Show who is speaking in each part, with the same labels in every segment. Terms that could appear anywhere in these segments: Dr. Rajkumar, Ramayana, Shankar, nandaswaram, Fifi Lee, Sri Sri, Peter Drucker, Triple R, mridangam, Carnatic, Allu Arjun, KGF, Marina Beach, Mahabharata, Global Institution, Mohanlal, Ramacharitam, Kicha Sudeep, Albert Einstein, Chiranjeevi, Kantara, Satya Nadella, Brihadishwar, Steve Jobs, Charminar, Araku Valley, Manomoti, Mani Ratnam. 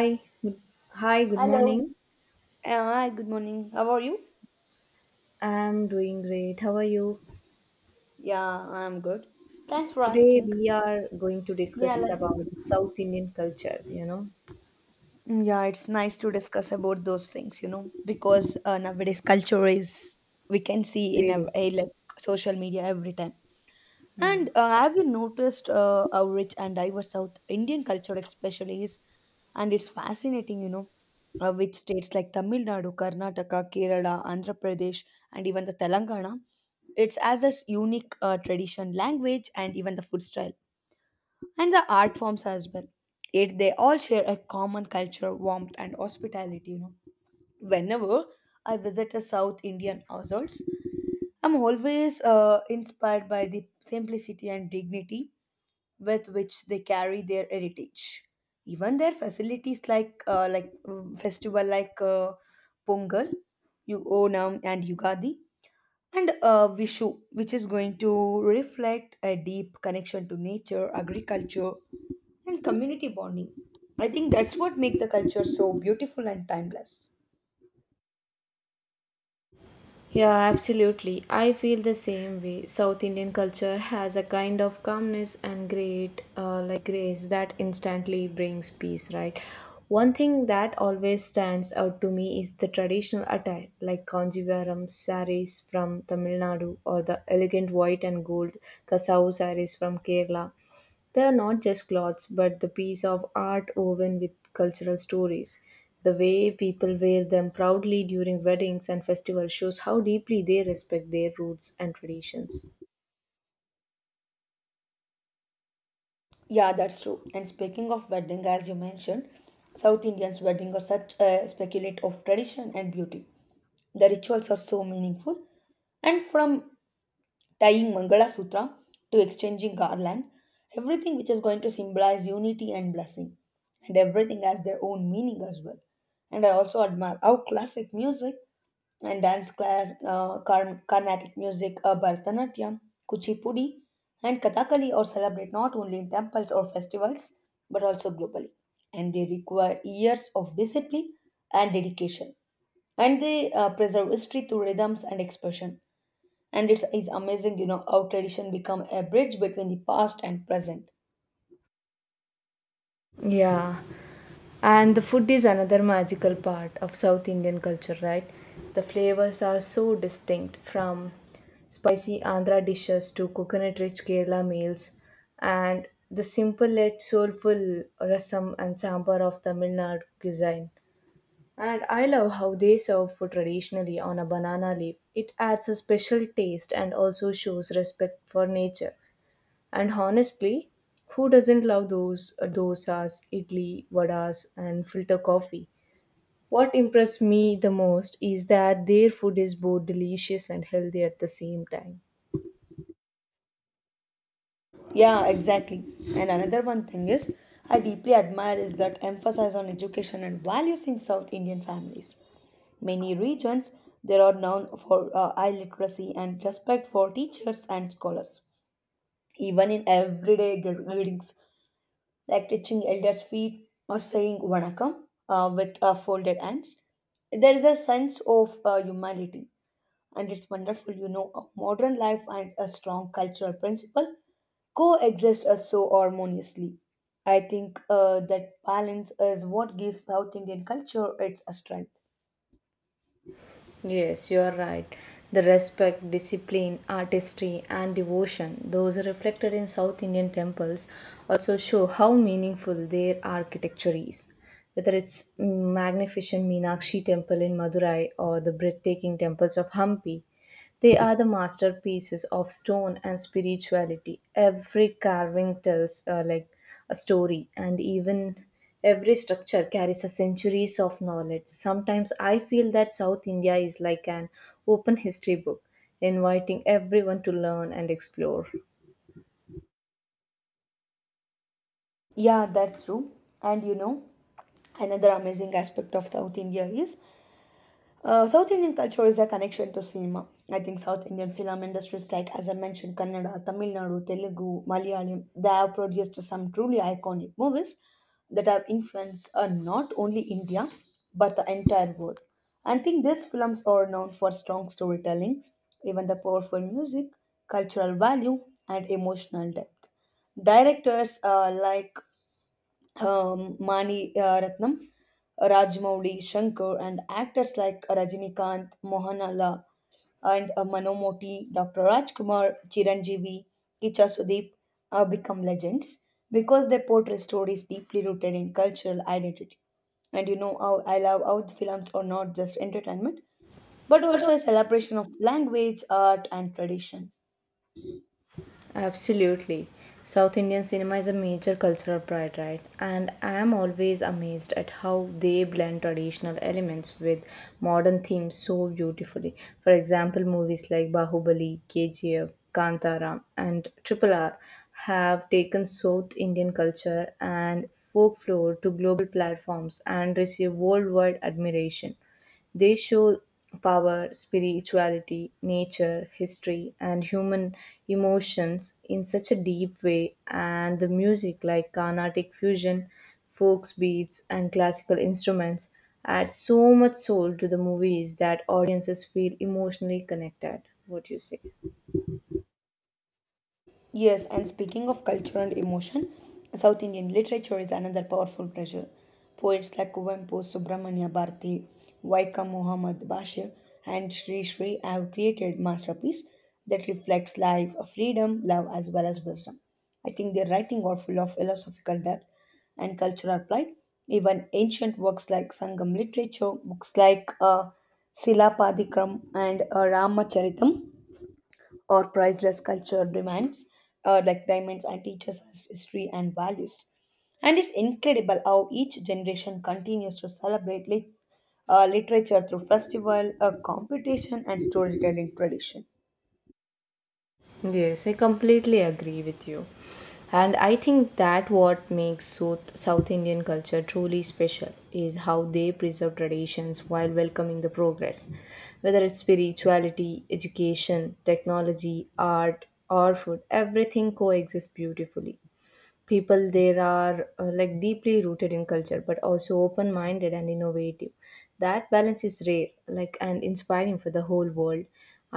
Speaker 1: Hi, good, Hi, good
Speaker 2: Hello.
Speaker 1: morning.
Speaker 2: Hi, good morning. How are you?
Speaker 1: I'm doing great. How are you?
Speaker 2: Yeah, I'm good. Thanks for
Speaker 1: Today
Speaker 2: asking.
Speaker 1: we are going to
Speaker 2: Yeah,
Speaker 1: discuss
Speaker 2: like
Speaker 1: about the South Indian culture,
Speaker 2: Yeah, it's nice to discuss about those things, you know, because nowadays culture is we can see in a,
Speaker 1: feeding.
Speaker 2: a like social media every time.
Speaker 1: Yeah.
Speaker 2: And have you noticed how rich and diverse South Indian culture, especially, is? And it's fascinating, you know, which states like Tamil Nadu, Karnataka, Kerala, Andhra Pradesh, and even the Telangana, it's as a unique tradition, language, and even the food style, and the art forms as well. It they all share a common culture, warmth, and hospitality. You know, whenever I visit a South Indian households, I'm always inspired by the simplicity and dignity with which they carry their heritage. Even their facilities like festival like Pongal, Onam, and Yugadi, and Vishu, which is going to reflect a deep connection to nature, agriculture, and community bonding. I think that's what make the culture so beautiful and timeless.
Speaker 1: Yeah, absolutely. I feel the same way. South Indian culture has a kind of calmness and great, like grace that instantly brings peace, right? One thing that always stands out to me is the traditional attire, like Kanjivaram saris from Tamil Nadu or the elegant white and gold Kasau saris from Kerala. They are not just clothes, but the piece of art woven with cultural stories. The way people wear them proudly during weddings and festivals shows how deeply they respect their roots and traditions.
Speaker 2: Yeah, that's true. And speaking of wedding, as you mentioned, South Indians' wedding are such a speculate of tradition and beauty. The rituals are so meaningful, and from tying Mangala Sutra to exchanging garland, everything which is going to symbolize unity and blessing, and everything has their own meaning as well. And I also admire how classic music and dance class, Carnatic music, Bharatanatyam, Kuchipudi, and Kathakali are celebrated not only in temples or festivals but also globally. And they require years of discipline and dedication, and they preserve history through rhythms and expression. And it's amazing, you know, how tradition become a bridge between the past and present.
Speaker 1: Yeah, and the food is another magical part of South Indian culture, right? The flavors are so distinct from spicy Andhra dishes to coconut rich Kerala meals, and the simple yet soulful rasam and sambar of Tamil Nadu cuisine. And I love how they serve food traditionally on a banana leaf. It adds a special taste and also shows respect for nature. And honestly, who doesn't love those dosas, idli, vadas, and filter coffee? What impressed me the most is that their food is both delicious and healthy at the same time.
Speaker 2: Yeah, exactly. And another one thing is I deeply admire is that emphasis on education and values in South Indian families. Many regions there are known for high literacy and respect for teachers and scholars. Even in everyday greetings like touching elders' feet or saying Vanakkam with folded hands. There is a sense of humility, and it's wonderful, you know, a modern life and a strong cultural principle coexist so harmoniously. I think that balance is what gives South Indian culture its strength.
Speaker 1: Yes, you are right. The respect, discipline, artistry, and devotion, those reflected in South Indian temples, also show how meaningful their architecture is. Whether it's magnificent Meenakshi temple in Madurai or the breathtaking temples of Hampi, they are the masterpieces of stone and spirituality. Every carving tells like a story, and even every structure carries a centuries of knowledge. Sometimes I feel that South India is like an open history book, inviting everyone to learn and explore.
Speaker 2: Yeah, that's true. And you know, another amazing aspect of South India is South Indian culture is a connection to cinema. I think South Indian film industries like, as I mentioned, Kannada, Tamil Nadu, Telugu, Malayalam, they have produced some truly iconic movies that have influenced not only India but the entire world. I think these films are known for strong storytelling, even the powerful music, cultural value, and emotional depth. Directors like Mani Ratnam, Rajmouli, Shankar, and actors like Rajinikanth, Mohanlal, and Manomoti, Dr. Rajkumar, Chiranjeevi, Kicha Sudeep become legends because they portray stories deeply rooted in cultural identity. And you know how I love how the films are not just entertainment, but also a celebration of language, art, and tradition.
Speaker 1: Absolutely. South Indian cinema is a major cultural pride, right? And I am always amazed at how they blend traditional elements with modern themes so beautifully. For example, movies like Bahubali, KGF, Kantara, and Triple R have taken South Indian culture and folklore to global platforms and receive worldwide admiration. They show power, spirituality, nature, history, and human emotions in such a deep way, and the music, like Carnatic fusion, folk beats, and classical instruments, add so much soul to the movies that audiences feel emotionally connected. What do you say?
Speaker 2: Yes, and speaking of culture and emotion, South Indian literature is another powerful treasure. Poets like Kuvanpu, Subramanya Bharati, Waikam Muhammad Bashir, and Sri Sri have created masterpieces that reflects life, freedom, love, as well as wisdom. I think their writing are full of philosophical depth and cultural pride. Even ancient works like Sangam literature, books like Silapadikram and Ramacharitam or priceless culture demands, like diamonds, and teaches us history and values. And it's incredible how each generation continues to celebrate literature through festival, competition, and storytelling tradition.
Speaker 1: Yes, I completely agree with you. And I think that what makes South Indian culture truly special is how they preserve traditions while welcoming the progress. Whether it's spirituality, education, technology, art, or food, everything coexists beautifully. People there are like deeply rooted in culture but also open minded and innovative. That balance is rare, like, and inspiring for the whole world.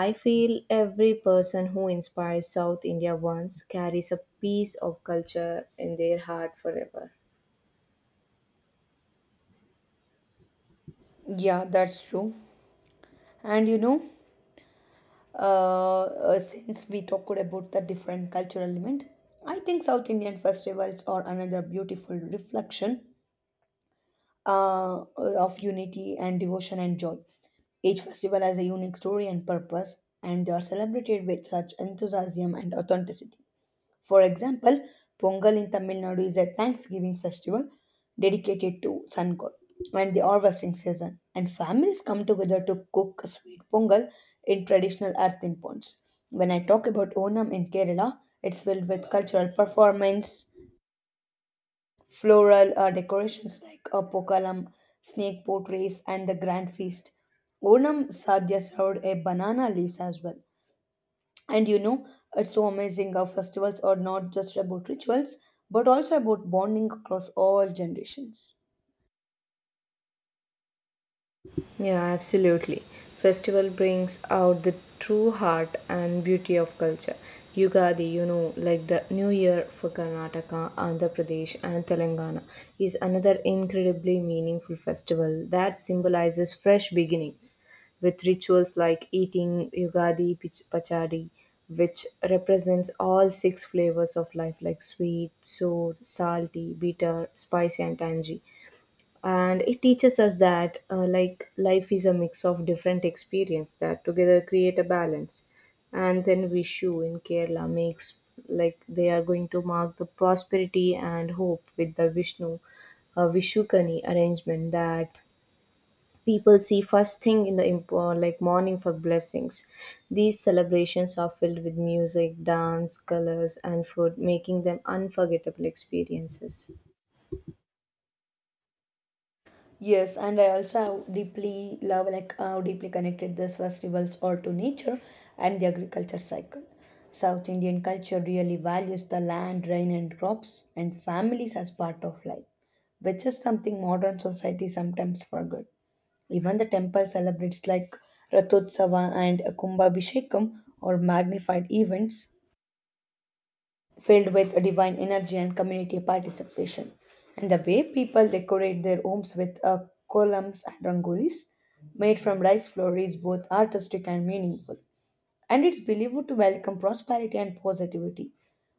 Speaker 1: I feel every person who inspires South India once carries a piece of culture in their heart forever.
Speaker 2: Yeah, that's true. And you know, since we talked about the different cultural element, I think South Indian festivals are another beautiful reflection uh, of unity and devotion and joy. Each festival has a unique story and purpose, and they are celebrated with such enthusiasm and authenticity. For example, Pongal in Tamil Nadu is a Thanksgiving festival dedicated to sun god and the harvesting season, and families come together to cook sweet pongal in traditional earthen pots. When I talk about Onam in Kerala, it's filled with cultural performance, floral decorations like a pokalam, snake portraits, and the grand feast. Onam Sadhya served a banana leaves as well. And you know, it's so amazing how festivals are not just about rituals, but also about bonding across all generations.
Speaker 1: Yeah, absolutely. Festival brings out the true heart and beauty of culture. Yugadi, you know, like the New Year for Karnataka, Andhra Pradesh, and Telangana, is another incredibly meaningful festival that symbolizes fresh beginnings with rituals like eating Yugadi Pachadi, which represents all six flavors of life like sweet, sour, salty, bitter, spicy, and tangy. And it teaches us that like life is a mix of different experience that together create a balance. And then Vishu in Kerala makes, like, they are going to mark the prosperity and hope with the Vishnu Vishukani arrangement that people see first thing in the like morning for blessings. These celebrations are filled with music, dance, colors, and food, making them unforgettable experiences.
Speaker 2: Yes, and I also have deeply love like how deeply connected these festivals are to nature and the agriculture cycle. South Indian culture really values the land, rain, and crops and families as part of life, which is something modern society sometimes forget. Even the temple celebrates like Rathotsava and Kumbhabhishekam or magnified events filled with divine energy and community participation. And the way people decorate their homes with columns and rangolis made from rice flour is both artistic and meaningful. And it's believed to welcome prosperity and positivity,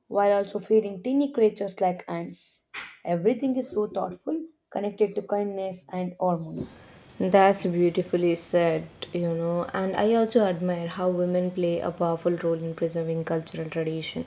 Speaker 2: while also feeding tiny creatures like ants. Everything is so thoughtful, connected to kindness and harmony.
Speaker 1: That's beautifully said, you know, and I also admire how women play a powerful role in preserving cultural tradition.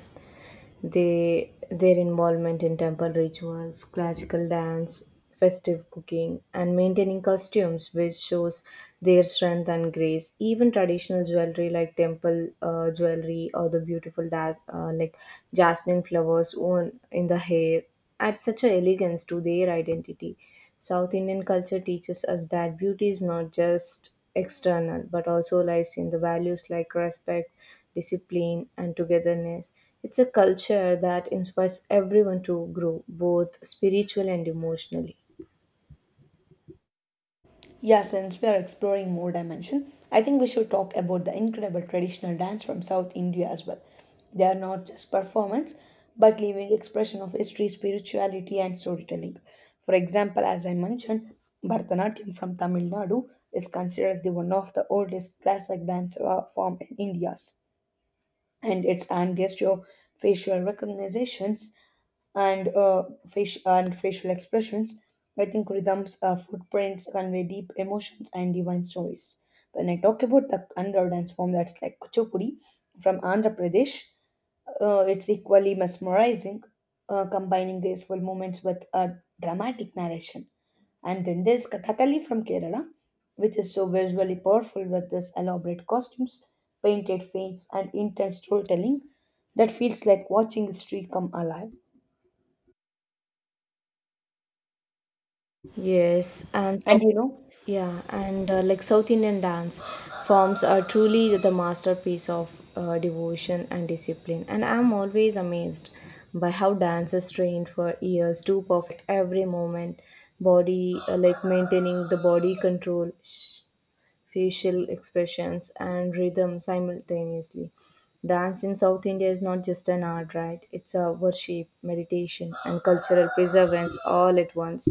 Speaker 1: They, their involvement in temple rituals, classical dance, festive cooking, and maintaining costumes, which shows their strength and grace. Even traditional jewelry like temple jewelry or the beautiful like jasmine flowers worn in the hair adds such a elegance to their identity. South Indian culture teaches us that beauty is not just external but also lies in the values like respect, discipline, and togetherness. It's a culture that inspires everyone to grow, both spiritually and emotionally.
Speaker 2: Yeah, since we are exploring more dimension, I think we should talk about the incredible traditional dance from South India as well. They are not just performance, but living expression of history, spirituality, and storytelling. For example, as I mentioned, Bharatanatyam from Tamil Nadu is considered as the one of the oldest classic dance form in India's, and its enhanced your facial recognition and fish and facial expressions. I think rhythms, footprints convey deep emotions and divine stories. When I talk about the another dance form that's like Kuchipudi from Andhra Pradesh, it's equally mesmerizing, combining graceful moments with a dramatic narration. And then there's Kathakali from Kerala, which is so visually powerful with its elaborate costumes, painted faces, and intense storytelling that feels like watching history come alive.
Speaker 1: Yes, and
Speaker 2: And you know,
Speaker 1: Yeah, and like South Indian dance forms are truly the masterpiece of devotion and discipline. And I'm always amazed by how dance is trained for years to perfect every moment, body like maintaining the body control, facial expressions, and rhythm simultaneously. Dance in South India is not just an art, right? It's a worship, meditation, and cultural preservance all at once.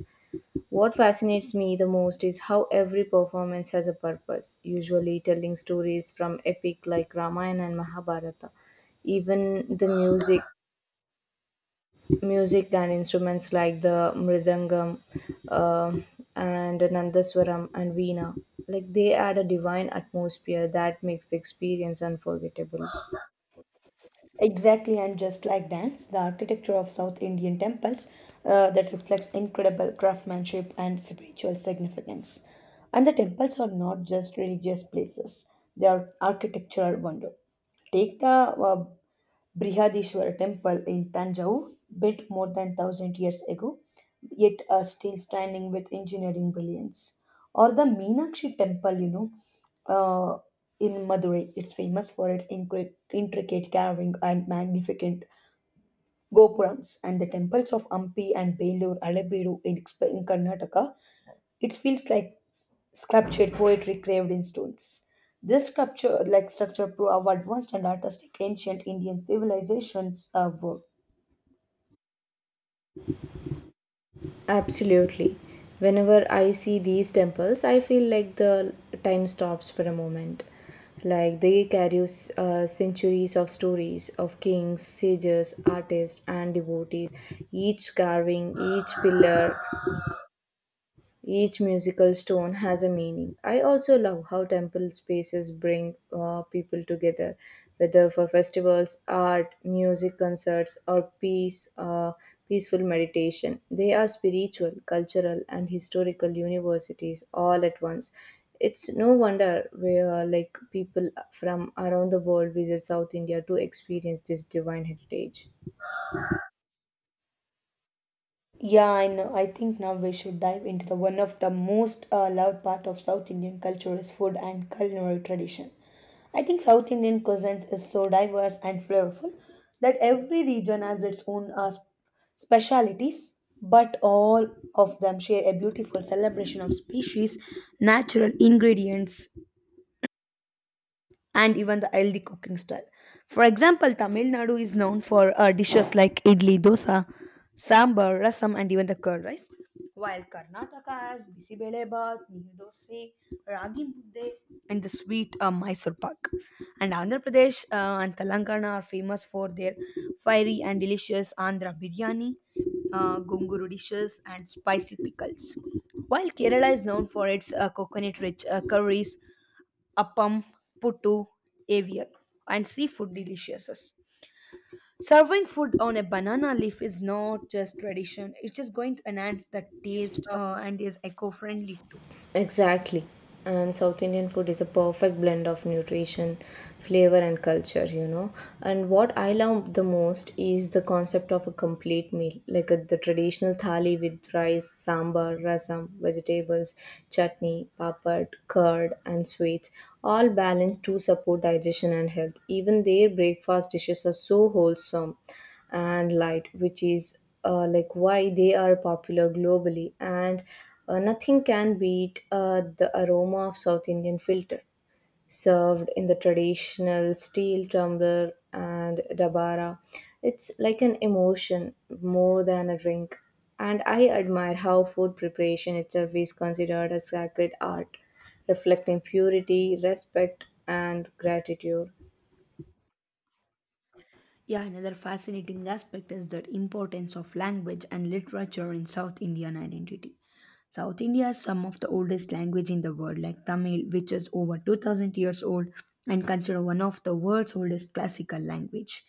Speaker 1: What fascinates me the most is how every performance has a purpose, usually telling stories from epic like Ramayana and Mahabharata. Even the music and instruments like the mridangam uh, and nandaswaram and veena, like they add a divine atmosphere that makes the experience unforgettable.
Speaker 2: exactly, and just like dance, the architecture of South Indian temples that reflects incredible craftsmanship and spiritual significance. And the temples are not just religious places, they are architectural wonder. Take the Brihadishwar temple in Tanjore, built more than 1000 years ago, yet are still standing with engineering brilliance. Or the Meenakshi temple, you know, uh, in Madurai. It's famous for its intricate carving and magnificent gopurams. And the temples of Ampi and Belur, Alebiru in Karnataka, it feels like sculptured poetry carved in stones. This sculpture, like structure, prove how advanced and artistic ancient Indian civilizations were.
Speaker 1: Absolutely. Whenever I see these temples, I feel like the time stops for a moment. Like they carry centuries of stories of kings, sages, artists, and devotees, each carving, each pillar, each musical stone has a meaning. I also love how temple spaces bring people together, whether for festivals, art, music concerts, or peaceful meditation. They are spiritual, cultural, and historical universities all at once. It's no wonder where like people from around the world visit South India to experience this divine heritage.
Speaker 2: Yeah, I know. I think now we should dive into the one of the most loved part of South Indian culture is food and culinary tradition. I think South Indian cuisines is so diverse and flavorful that every region has its own specialities, but all of them share a beautiful celebration of species, natural ingredients, and even the healthy cooking style. For example, Tamil Nadu is known for dishes like idli, dosa, sambar, rasam, and even the curd rice. While Karnataka has bisibele bath, dosa, ragi mudde, and the sweet Mysore pak. And Andhra Pradesh and Telangana are famous for their fiery and delicious Andhra biryani, gonguru dishes, and spicy pickles. While Kerala is known for its coconut-rich curries, appam, puttu, avial, and seafood deliciouses. Serving food on a banana leaf is not just tradition, it's going to enhance the taste and is eco friendly too.
Speaker 1: Exactly. And South Indian food is a perfect blend of nutrition, flavor, and culture, you know. And what I love the most is the concept of a complete meal, like a, the traditional thali with rice, sambar, rasam, vegetables, chutney, papad, curd, and sweets, all balanced to support digestion and health. Even their breakfast dishes are so wholesome and light, which is like why they are popular globally. And nothing can beat the aroma of South Indian filter served in the traditional steel tumbler and dabara. It's like an emotion more than a drink. And I admire how food preparation itself is considered a sacred art, reflecting purity, respect, and gratitude.
Speaker 2: Yeah, another fascinating aspect is the importance of language and literature in South Indian identity. South India has some of the oldest language in the world, like Tamil, which is over 2000 years old and considered one of the world's oldest classical language.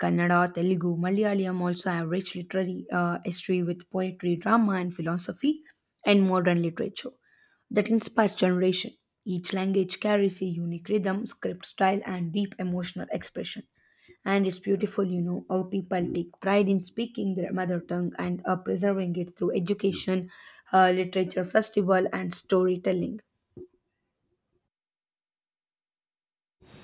Speaker 2: Kannada, Telugu, Malayalam also have rich literary history with poetry, drama, and philosophy, and modern literature that inspires generation. Each language carries a unique rhythm, script style, and deep emotional expression. And it's beautiful, you know, how people take pride in speaking their mother tongue and preserving it through education, literature, festival, and storytelling.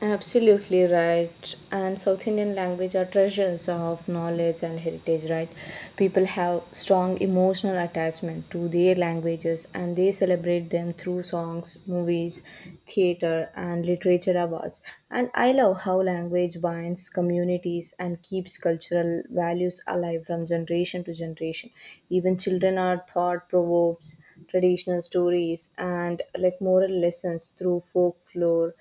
Speaker 1: Absolutely right. And South Indian language are treasures of knowledge and heritage, right? People have strong emotional attachment to their languages and they celebrate them through songs, movies, theater, and literature awards. And I love how language binds communities and keeps cultural values alive from generation to generation. Even children are taught proverbs, traditional stories, and like moral lessons through folklore,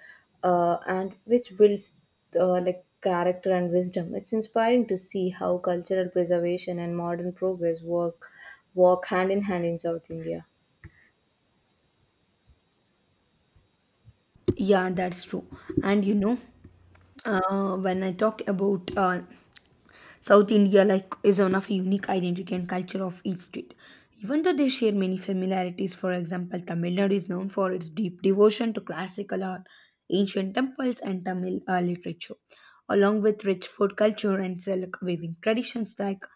Speaker 1: and which builds like character and wisdom. It's inspiring to see how cultural preservation and modern progress work walk hand in hand in South India.
Speaker 2: Yeah, that's true. And you know, when I talk about South India like is one of unique identity and culture of each state. Even though they share many familiarities, for example, Tamil Nadu is known for its deep devotion to classical art, ancient temples, and Tamil literature, along with rich food culture and silk weaving traditions like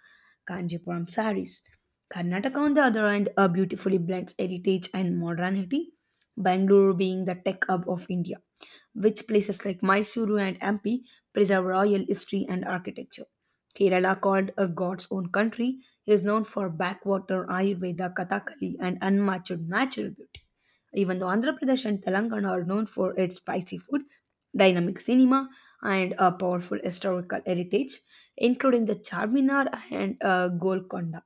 Speaker 2: Kanjipuram saris. Karnataka, on the other hand, beautifully blends heritage and modernity, Bangalore being the tech hub of India, which places like Mysuru and Ampi preserve royal history and architecture. Kerala, called a God's own country, is known for backwater, Ayurveda, Kathakali, and unmatched natural beauty. Even though Andhra Pradesh and Telangana are known for its spicy food, dynamic cinema, and a powerful historical heritage, including the Charminar and Golconda.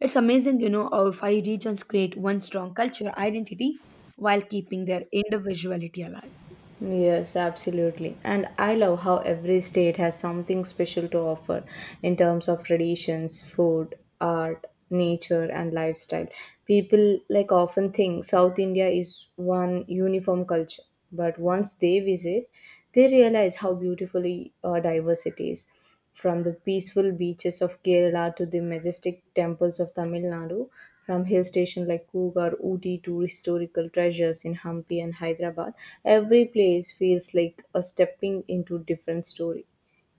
Speaker 2: It's amazing, you know, how five regions create one strong culture identity while keeping their individuality alive.
Speaker 1: Yes, absolutely. And I love how every state has something special to offer in terms of traditions, food, art, nature, and lifestyle. People like often think South India is one uniform culture, but once they visit, they realize how beautifully diverse it is. From the peaceful beaches of Kerala to the majestic temples of Tamil Nadu, from hill stations like Coorg or Ooty to historical treasures in Hampi and Hyderabad, every place feels like a stepping into different story.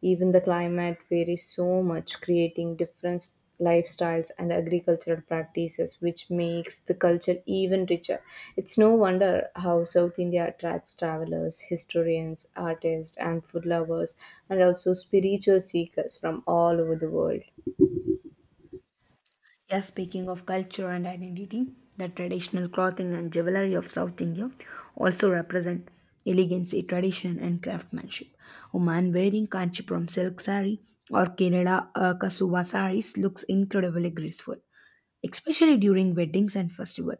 Speaker 1: Even the climate varies so much, creating different lifestyles and agricultural practices, which makes the culture even richer. It's no wonder how South India attracts travelers, historians, artists, and food lovers, and also spiritual seekers from all over the world.
Speaker 2: Yeah, speaking of culture and identity, the traditional clothing and jewelry of South India also represent elegance, tradition, and craftsmanship. A man wearing Kanchipuram silk sari or Kerala Kasuva saris looks incredibly graceful, especially during weddings and festival.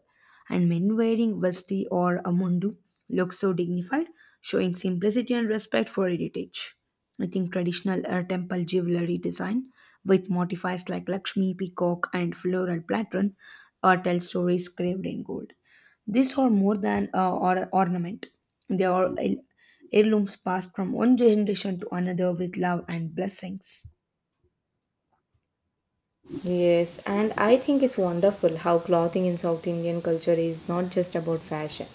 Speaker 2: And men wearing vasti or a mundu look so dignified, showing simplicity and respect for heritage. I think traditional temple jewelry design with motifs like Lakshmi, peacock, and floral pattern tell stories carved in gold. These are more than or ornament; they are heirlooms passed from one generation to another with love and blessings.
Speaker 1: Yes, and I think it's wonderful how clothing in South Indian culture is not just about fashion,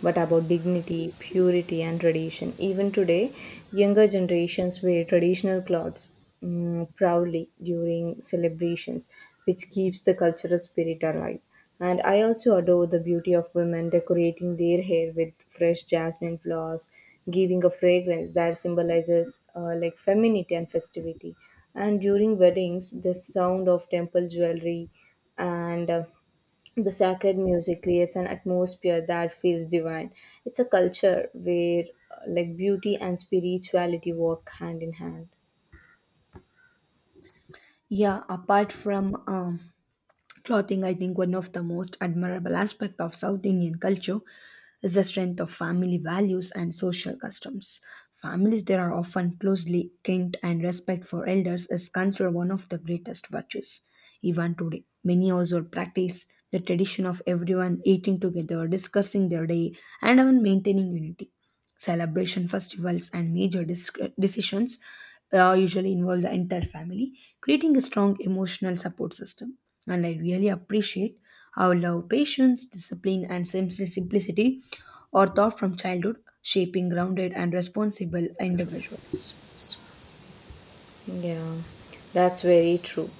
Speaker 1: but about dignity, purity, and tradition. Even today, younger generations wear traditional clothes proudly during celebrations, which keeps the cultural spirit alive. And I also adore the beauty of women decorating their hair with fresh jasmine flowers, giving a fragrance that symbolizes like femininity and festivity. And during weddings, the sound of temple jewelry and the sacred music creates an atmosphere that feels divine. It's a culture where like beauty and spirituality work hand in hand.
Speaker 2: Yeah, apart from clothing, I think one of the most admirable aspect of South Indian culture is the strength of family values and social customs. Families there are often closely linked and respect for elders is considered one of the greatest virtues. Even today, many also practice the tradition of everyone eating together, discussing their day, and even maintaining unity celebration festivals and major decisions usually involve the entire family, creating a strong emotional support system. And I really appreciate how love, patience, discipline, and simplicity or thought from childhood shaping grounded and responsible individuals.
Speaker 1: Yeah, that's very true.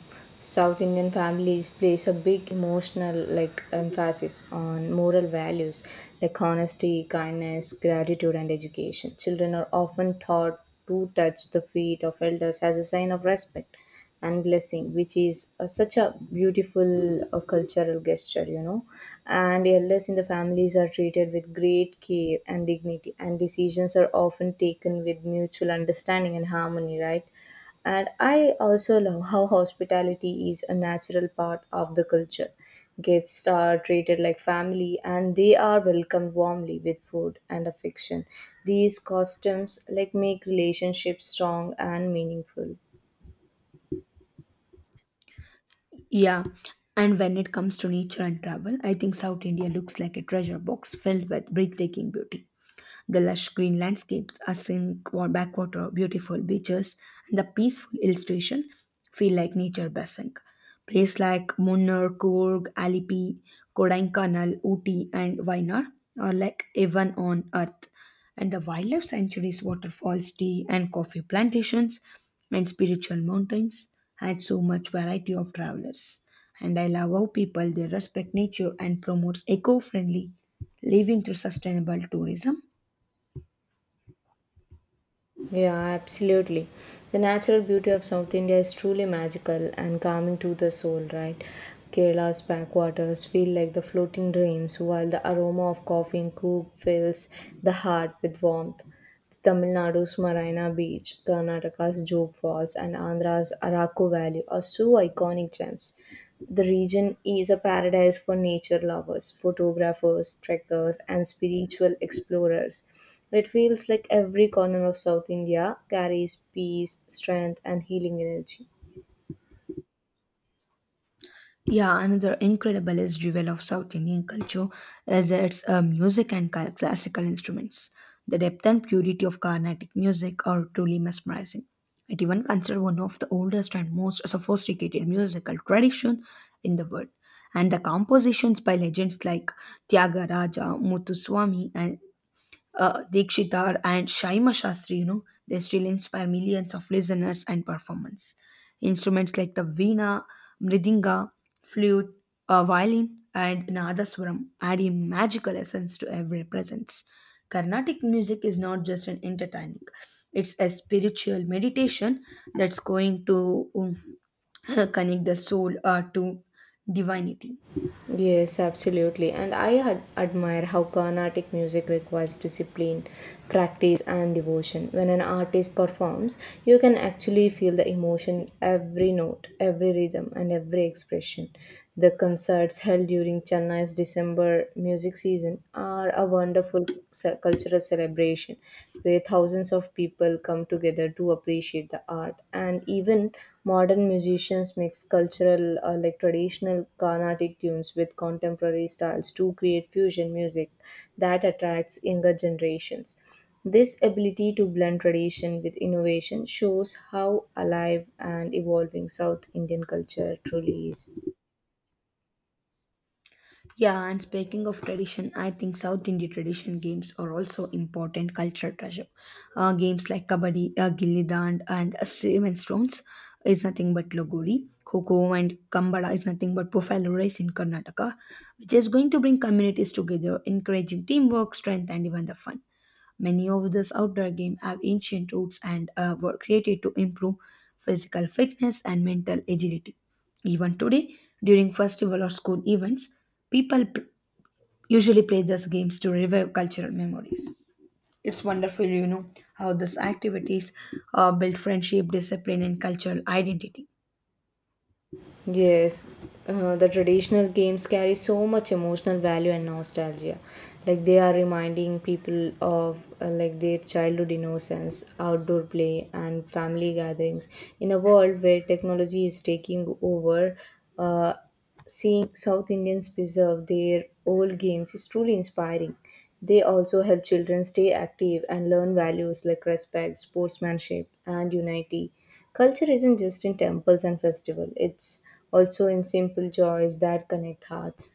Speaker 1: South Indian families place a big emotional like emphasis on moral values like honesty, kindness, gratitude and education. Children are often taught to touch the feet of elders as a sign of respect and blessing, which is such a beautiful cultural gesture, you know. And elders in the families are treated with great care and dignity, and decisions are often taken with mutual understanding and harmony, right? And I also love how hospitality is a natural part of the culture. Guests are treated like family and they are welcomed warmly with food and affection. These customs like make relationships strong and meaningful.
Speaker 2: Yeah, and when it comes to nature and travel, I think South India looks like a treasure box filled with breathtaking beauty. The lush green landscapes, asink or backwater, beautiful beaches, and the peaceful illustration feel like nature blessing. Places like Munnar, Coorg, Alipi, Kodaikanal, Ooty, and Wayanad are like heaven on earth, and the wildlife sanctuaries, waterfalls, tea and coffee plantations, and spiritual mountains had so much variety of travelers. And I love how people they respect nature and promotes eco-friendly living through sustainable tourism.
Speaker 1: Yeah, absolutely. The natural beauty of South India is truly magical and calming to the soul, right? Kerala's backwaters feel like the floating dreams, while the aroma of coffee and cook fills the heart with warmth. Tamil Nadu's Marina Beach, Karnataka's Job Falls, and Andhra's Araku Valley are so iconic gems. The region is a paradise for nature lovers, photographers, trekkers, and spiritual explorers. It feels like every corner of South India carries peace, strength, and healing energy.
Speaker 2: Yeah, another incredible is jewel of South Indian culture is its music and classical instruments. The depth and purity of Carnatic music are truly mesmerizing. It even considered one of the oldest and most sophisticated musical tradition in the world. And the compositions by legends like Thyagaraja, Muthuswami, and Dikshitar and Shaima Shastri, you know, they still inspire millions of listeners and performers. Instruments like the veena, mridinga, flute, violin, and nadaswaram add a magical essence to every presence. Carnatic music is not just an entertaining; it's a spiritual meditation that's going to connect the soul to divinity.
Speaker 1: Yes, absolutely. And I admire how Carnatic music requires discipline, practice, and devotion. When an artist performs, you can actually feel the emotion in every note, every rhythm, and every expression. The concerts held during Chennai's December music season are a wonderful cultural celebration where thousands of people come together to appreciate the art. And even modern musicians mix cultural, like traditional Carnatic tunes with contemporary styles to create fusion music that attracts younger generations. This ability to blend tradition with innovation shows how alive and evolving South Indian culture truly is.
Speaker 2: Yeah, and speaking of tradition, I think South Indian tradition games are also important cultural treasure. Games like Kabaddi, Gilli Dand, and Seven Stones is nothing but Logori. Koko and Kambada is nothing but profile race in Karnataka, which is going to bring communities together, encouraging teamwork, strength, and even the fun. Many of these outdoor games have ancient roots and were created to improve physical fitness and mental agility. Even today, during festival or school events, people p- usually play these games to revive cultural memories. It's wonderful, you know, how these activities build friendship, discipline, and cultural identity.
Speaker 1: Yes, the traditional games carry so much emotional value and nostalgia. Like they are reminding people of like their childhood innocence, outdoor play, and family gatherings. In a world where technology is taking over, uh, Seeing South Indians preserve their old games is truly inspiring. They also help children stay active and learn values like respect, sportsmanship, and unity. Culture isn't just in temples and festivals, it's also in simple joys that connect hearts.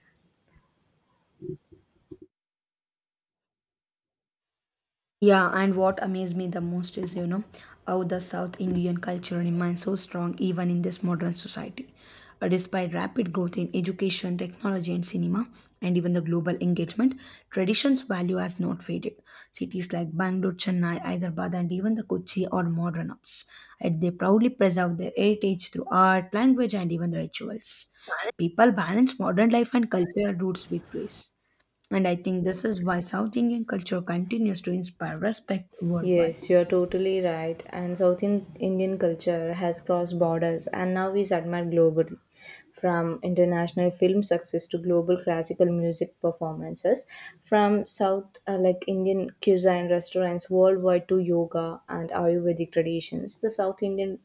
Speaker 2: Yeah, and what amazed me the most is, you know, how the South Indian culture remains so strong even in this modern society. Despite rapid growth in education, technology, and cinema, and even the global engagement, tradition's value has not faded. Cities like Bangalore, Chennai, Hyderabad, and even the Kochi are modern hubs, and they proudly preserve their heritage through art, language, and even the rituals. People balance modern life and cultural roots with grace. And I think this is why South Indian culture continues to inspire respect worldwide.
Speaker 1: Yes, you're totally right. And South Indian culture has crossed borders and now is admired globally. From international film success to global classical music performances, from South like Indian cuisine restaurants worldwide to yoga and Ayurvedic traditions, the South Indian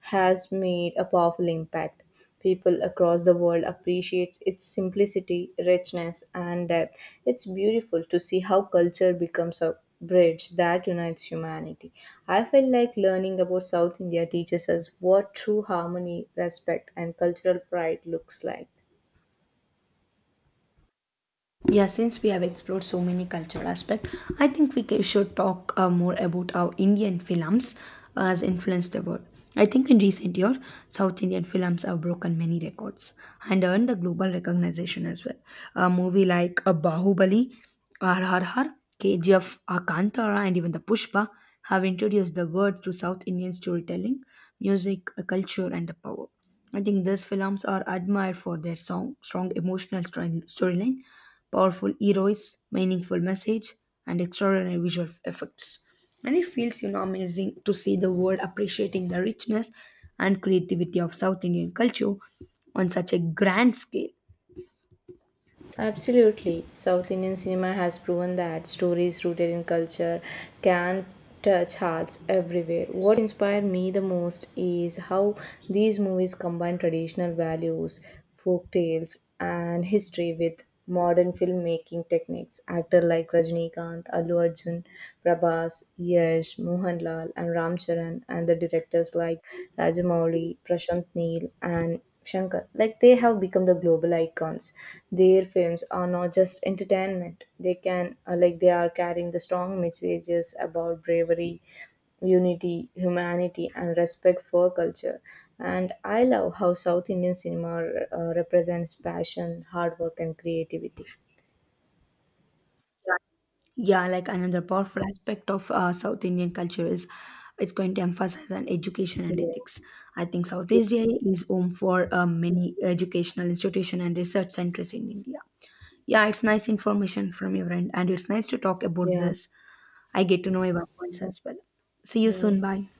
Speaker 1: has made a powerful impact. People across the world appreciates its simplicity, richness, and depth. It's beautiful to see how culture becomes a bridge that unites humanity. I felt like learning about South India teaches us what true harmony, respect, and cultural pride looks like.
Speaker 2: Yeah, since we have explored so many cultural aspects, I think we should talk more about how Indian films has influenced the world. I think in recent years, South Indian films have broken many records and earned the global recognition as well. A movie like Bahubali, RRR, KGF, Kantara, and even the Pushpa have introduced the world to South Indian storytelling, music, culture, and the power. I think these films are admired for their song, strong emotional storyline, powerful heroes, meaningful message, and extraordinary visual effects. And it feels, you know, amazing to see the world appreciating the richness and creativity of South Indian culture on such a grand scale.
Speaker 1: Absolutely. South Indian cinema has proven that stories rooted in culture can touch hearts everywhere. What inspired me the most is how these movies combine traditional values, folk tales, and history with modern filmmaking techniques. Actors like Rajnikanth, Allu Arjun, Prabhas, Yash, Mohanlal, and Ram Charan, and the directors like Rajamouli, Prashant Neel, and Shankar. Like they have become the global icons. Their films are not just entertainment. They can like they are carrying the strong messages about bravery, unity, humanity, and respect for culture. And I love how South Indian cinema represents passion, hard work, and creativity. Yeah.
Speaker 2: Yeah, like another powerful aspect of South Indian culture is it's going to emphasize on education and
Speaker 1: Yeah.
Speaker 2: ethics. I think South Asia
Speaker 1: It's,
Speaker 2: is home for many educational institution and research centers in India. Yeah, it's nice information from your end, and it's nice to talk about
Speaker 1: yeah.
Speaker 2: this. I get to know your points as well. See you soon.
Speaker 1: Bye.
Speaker 2: Bye.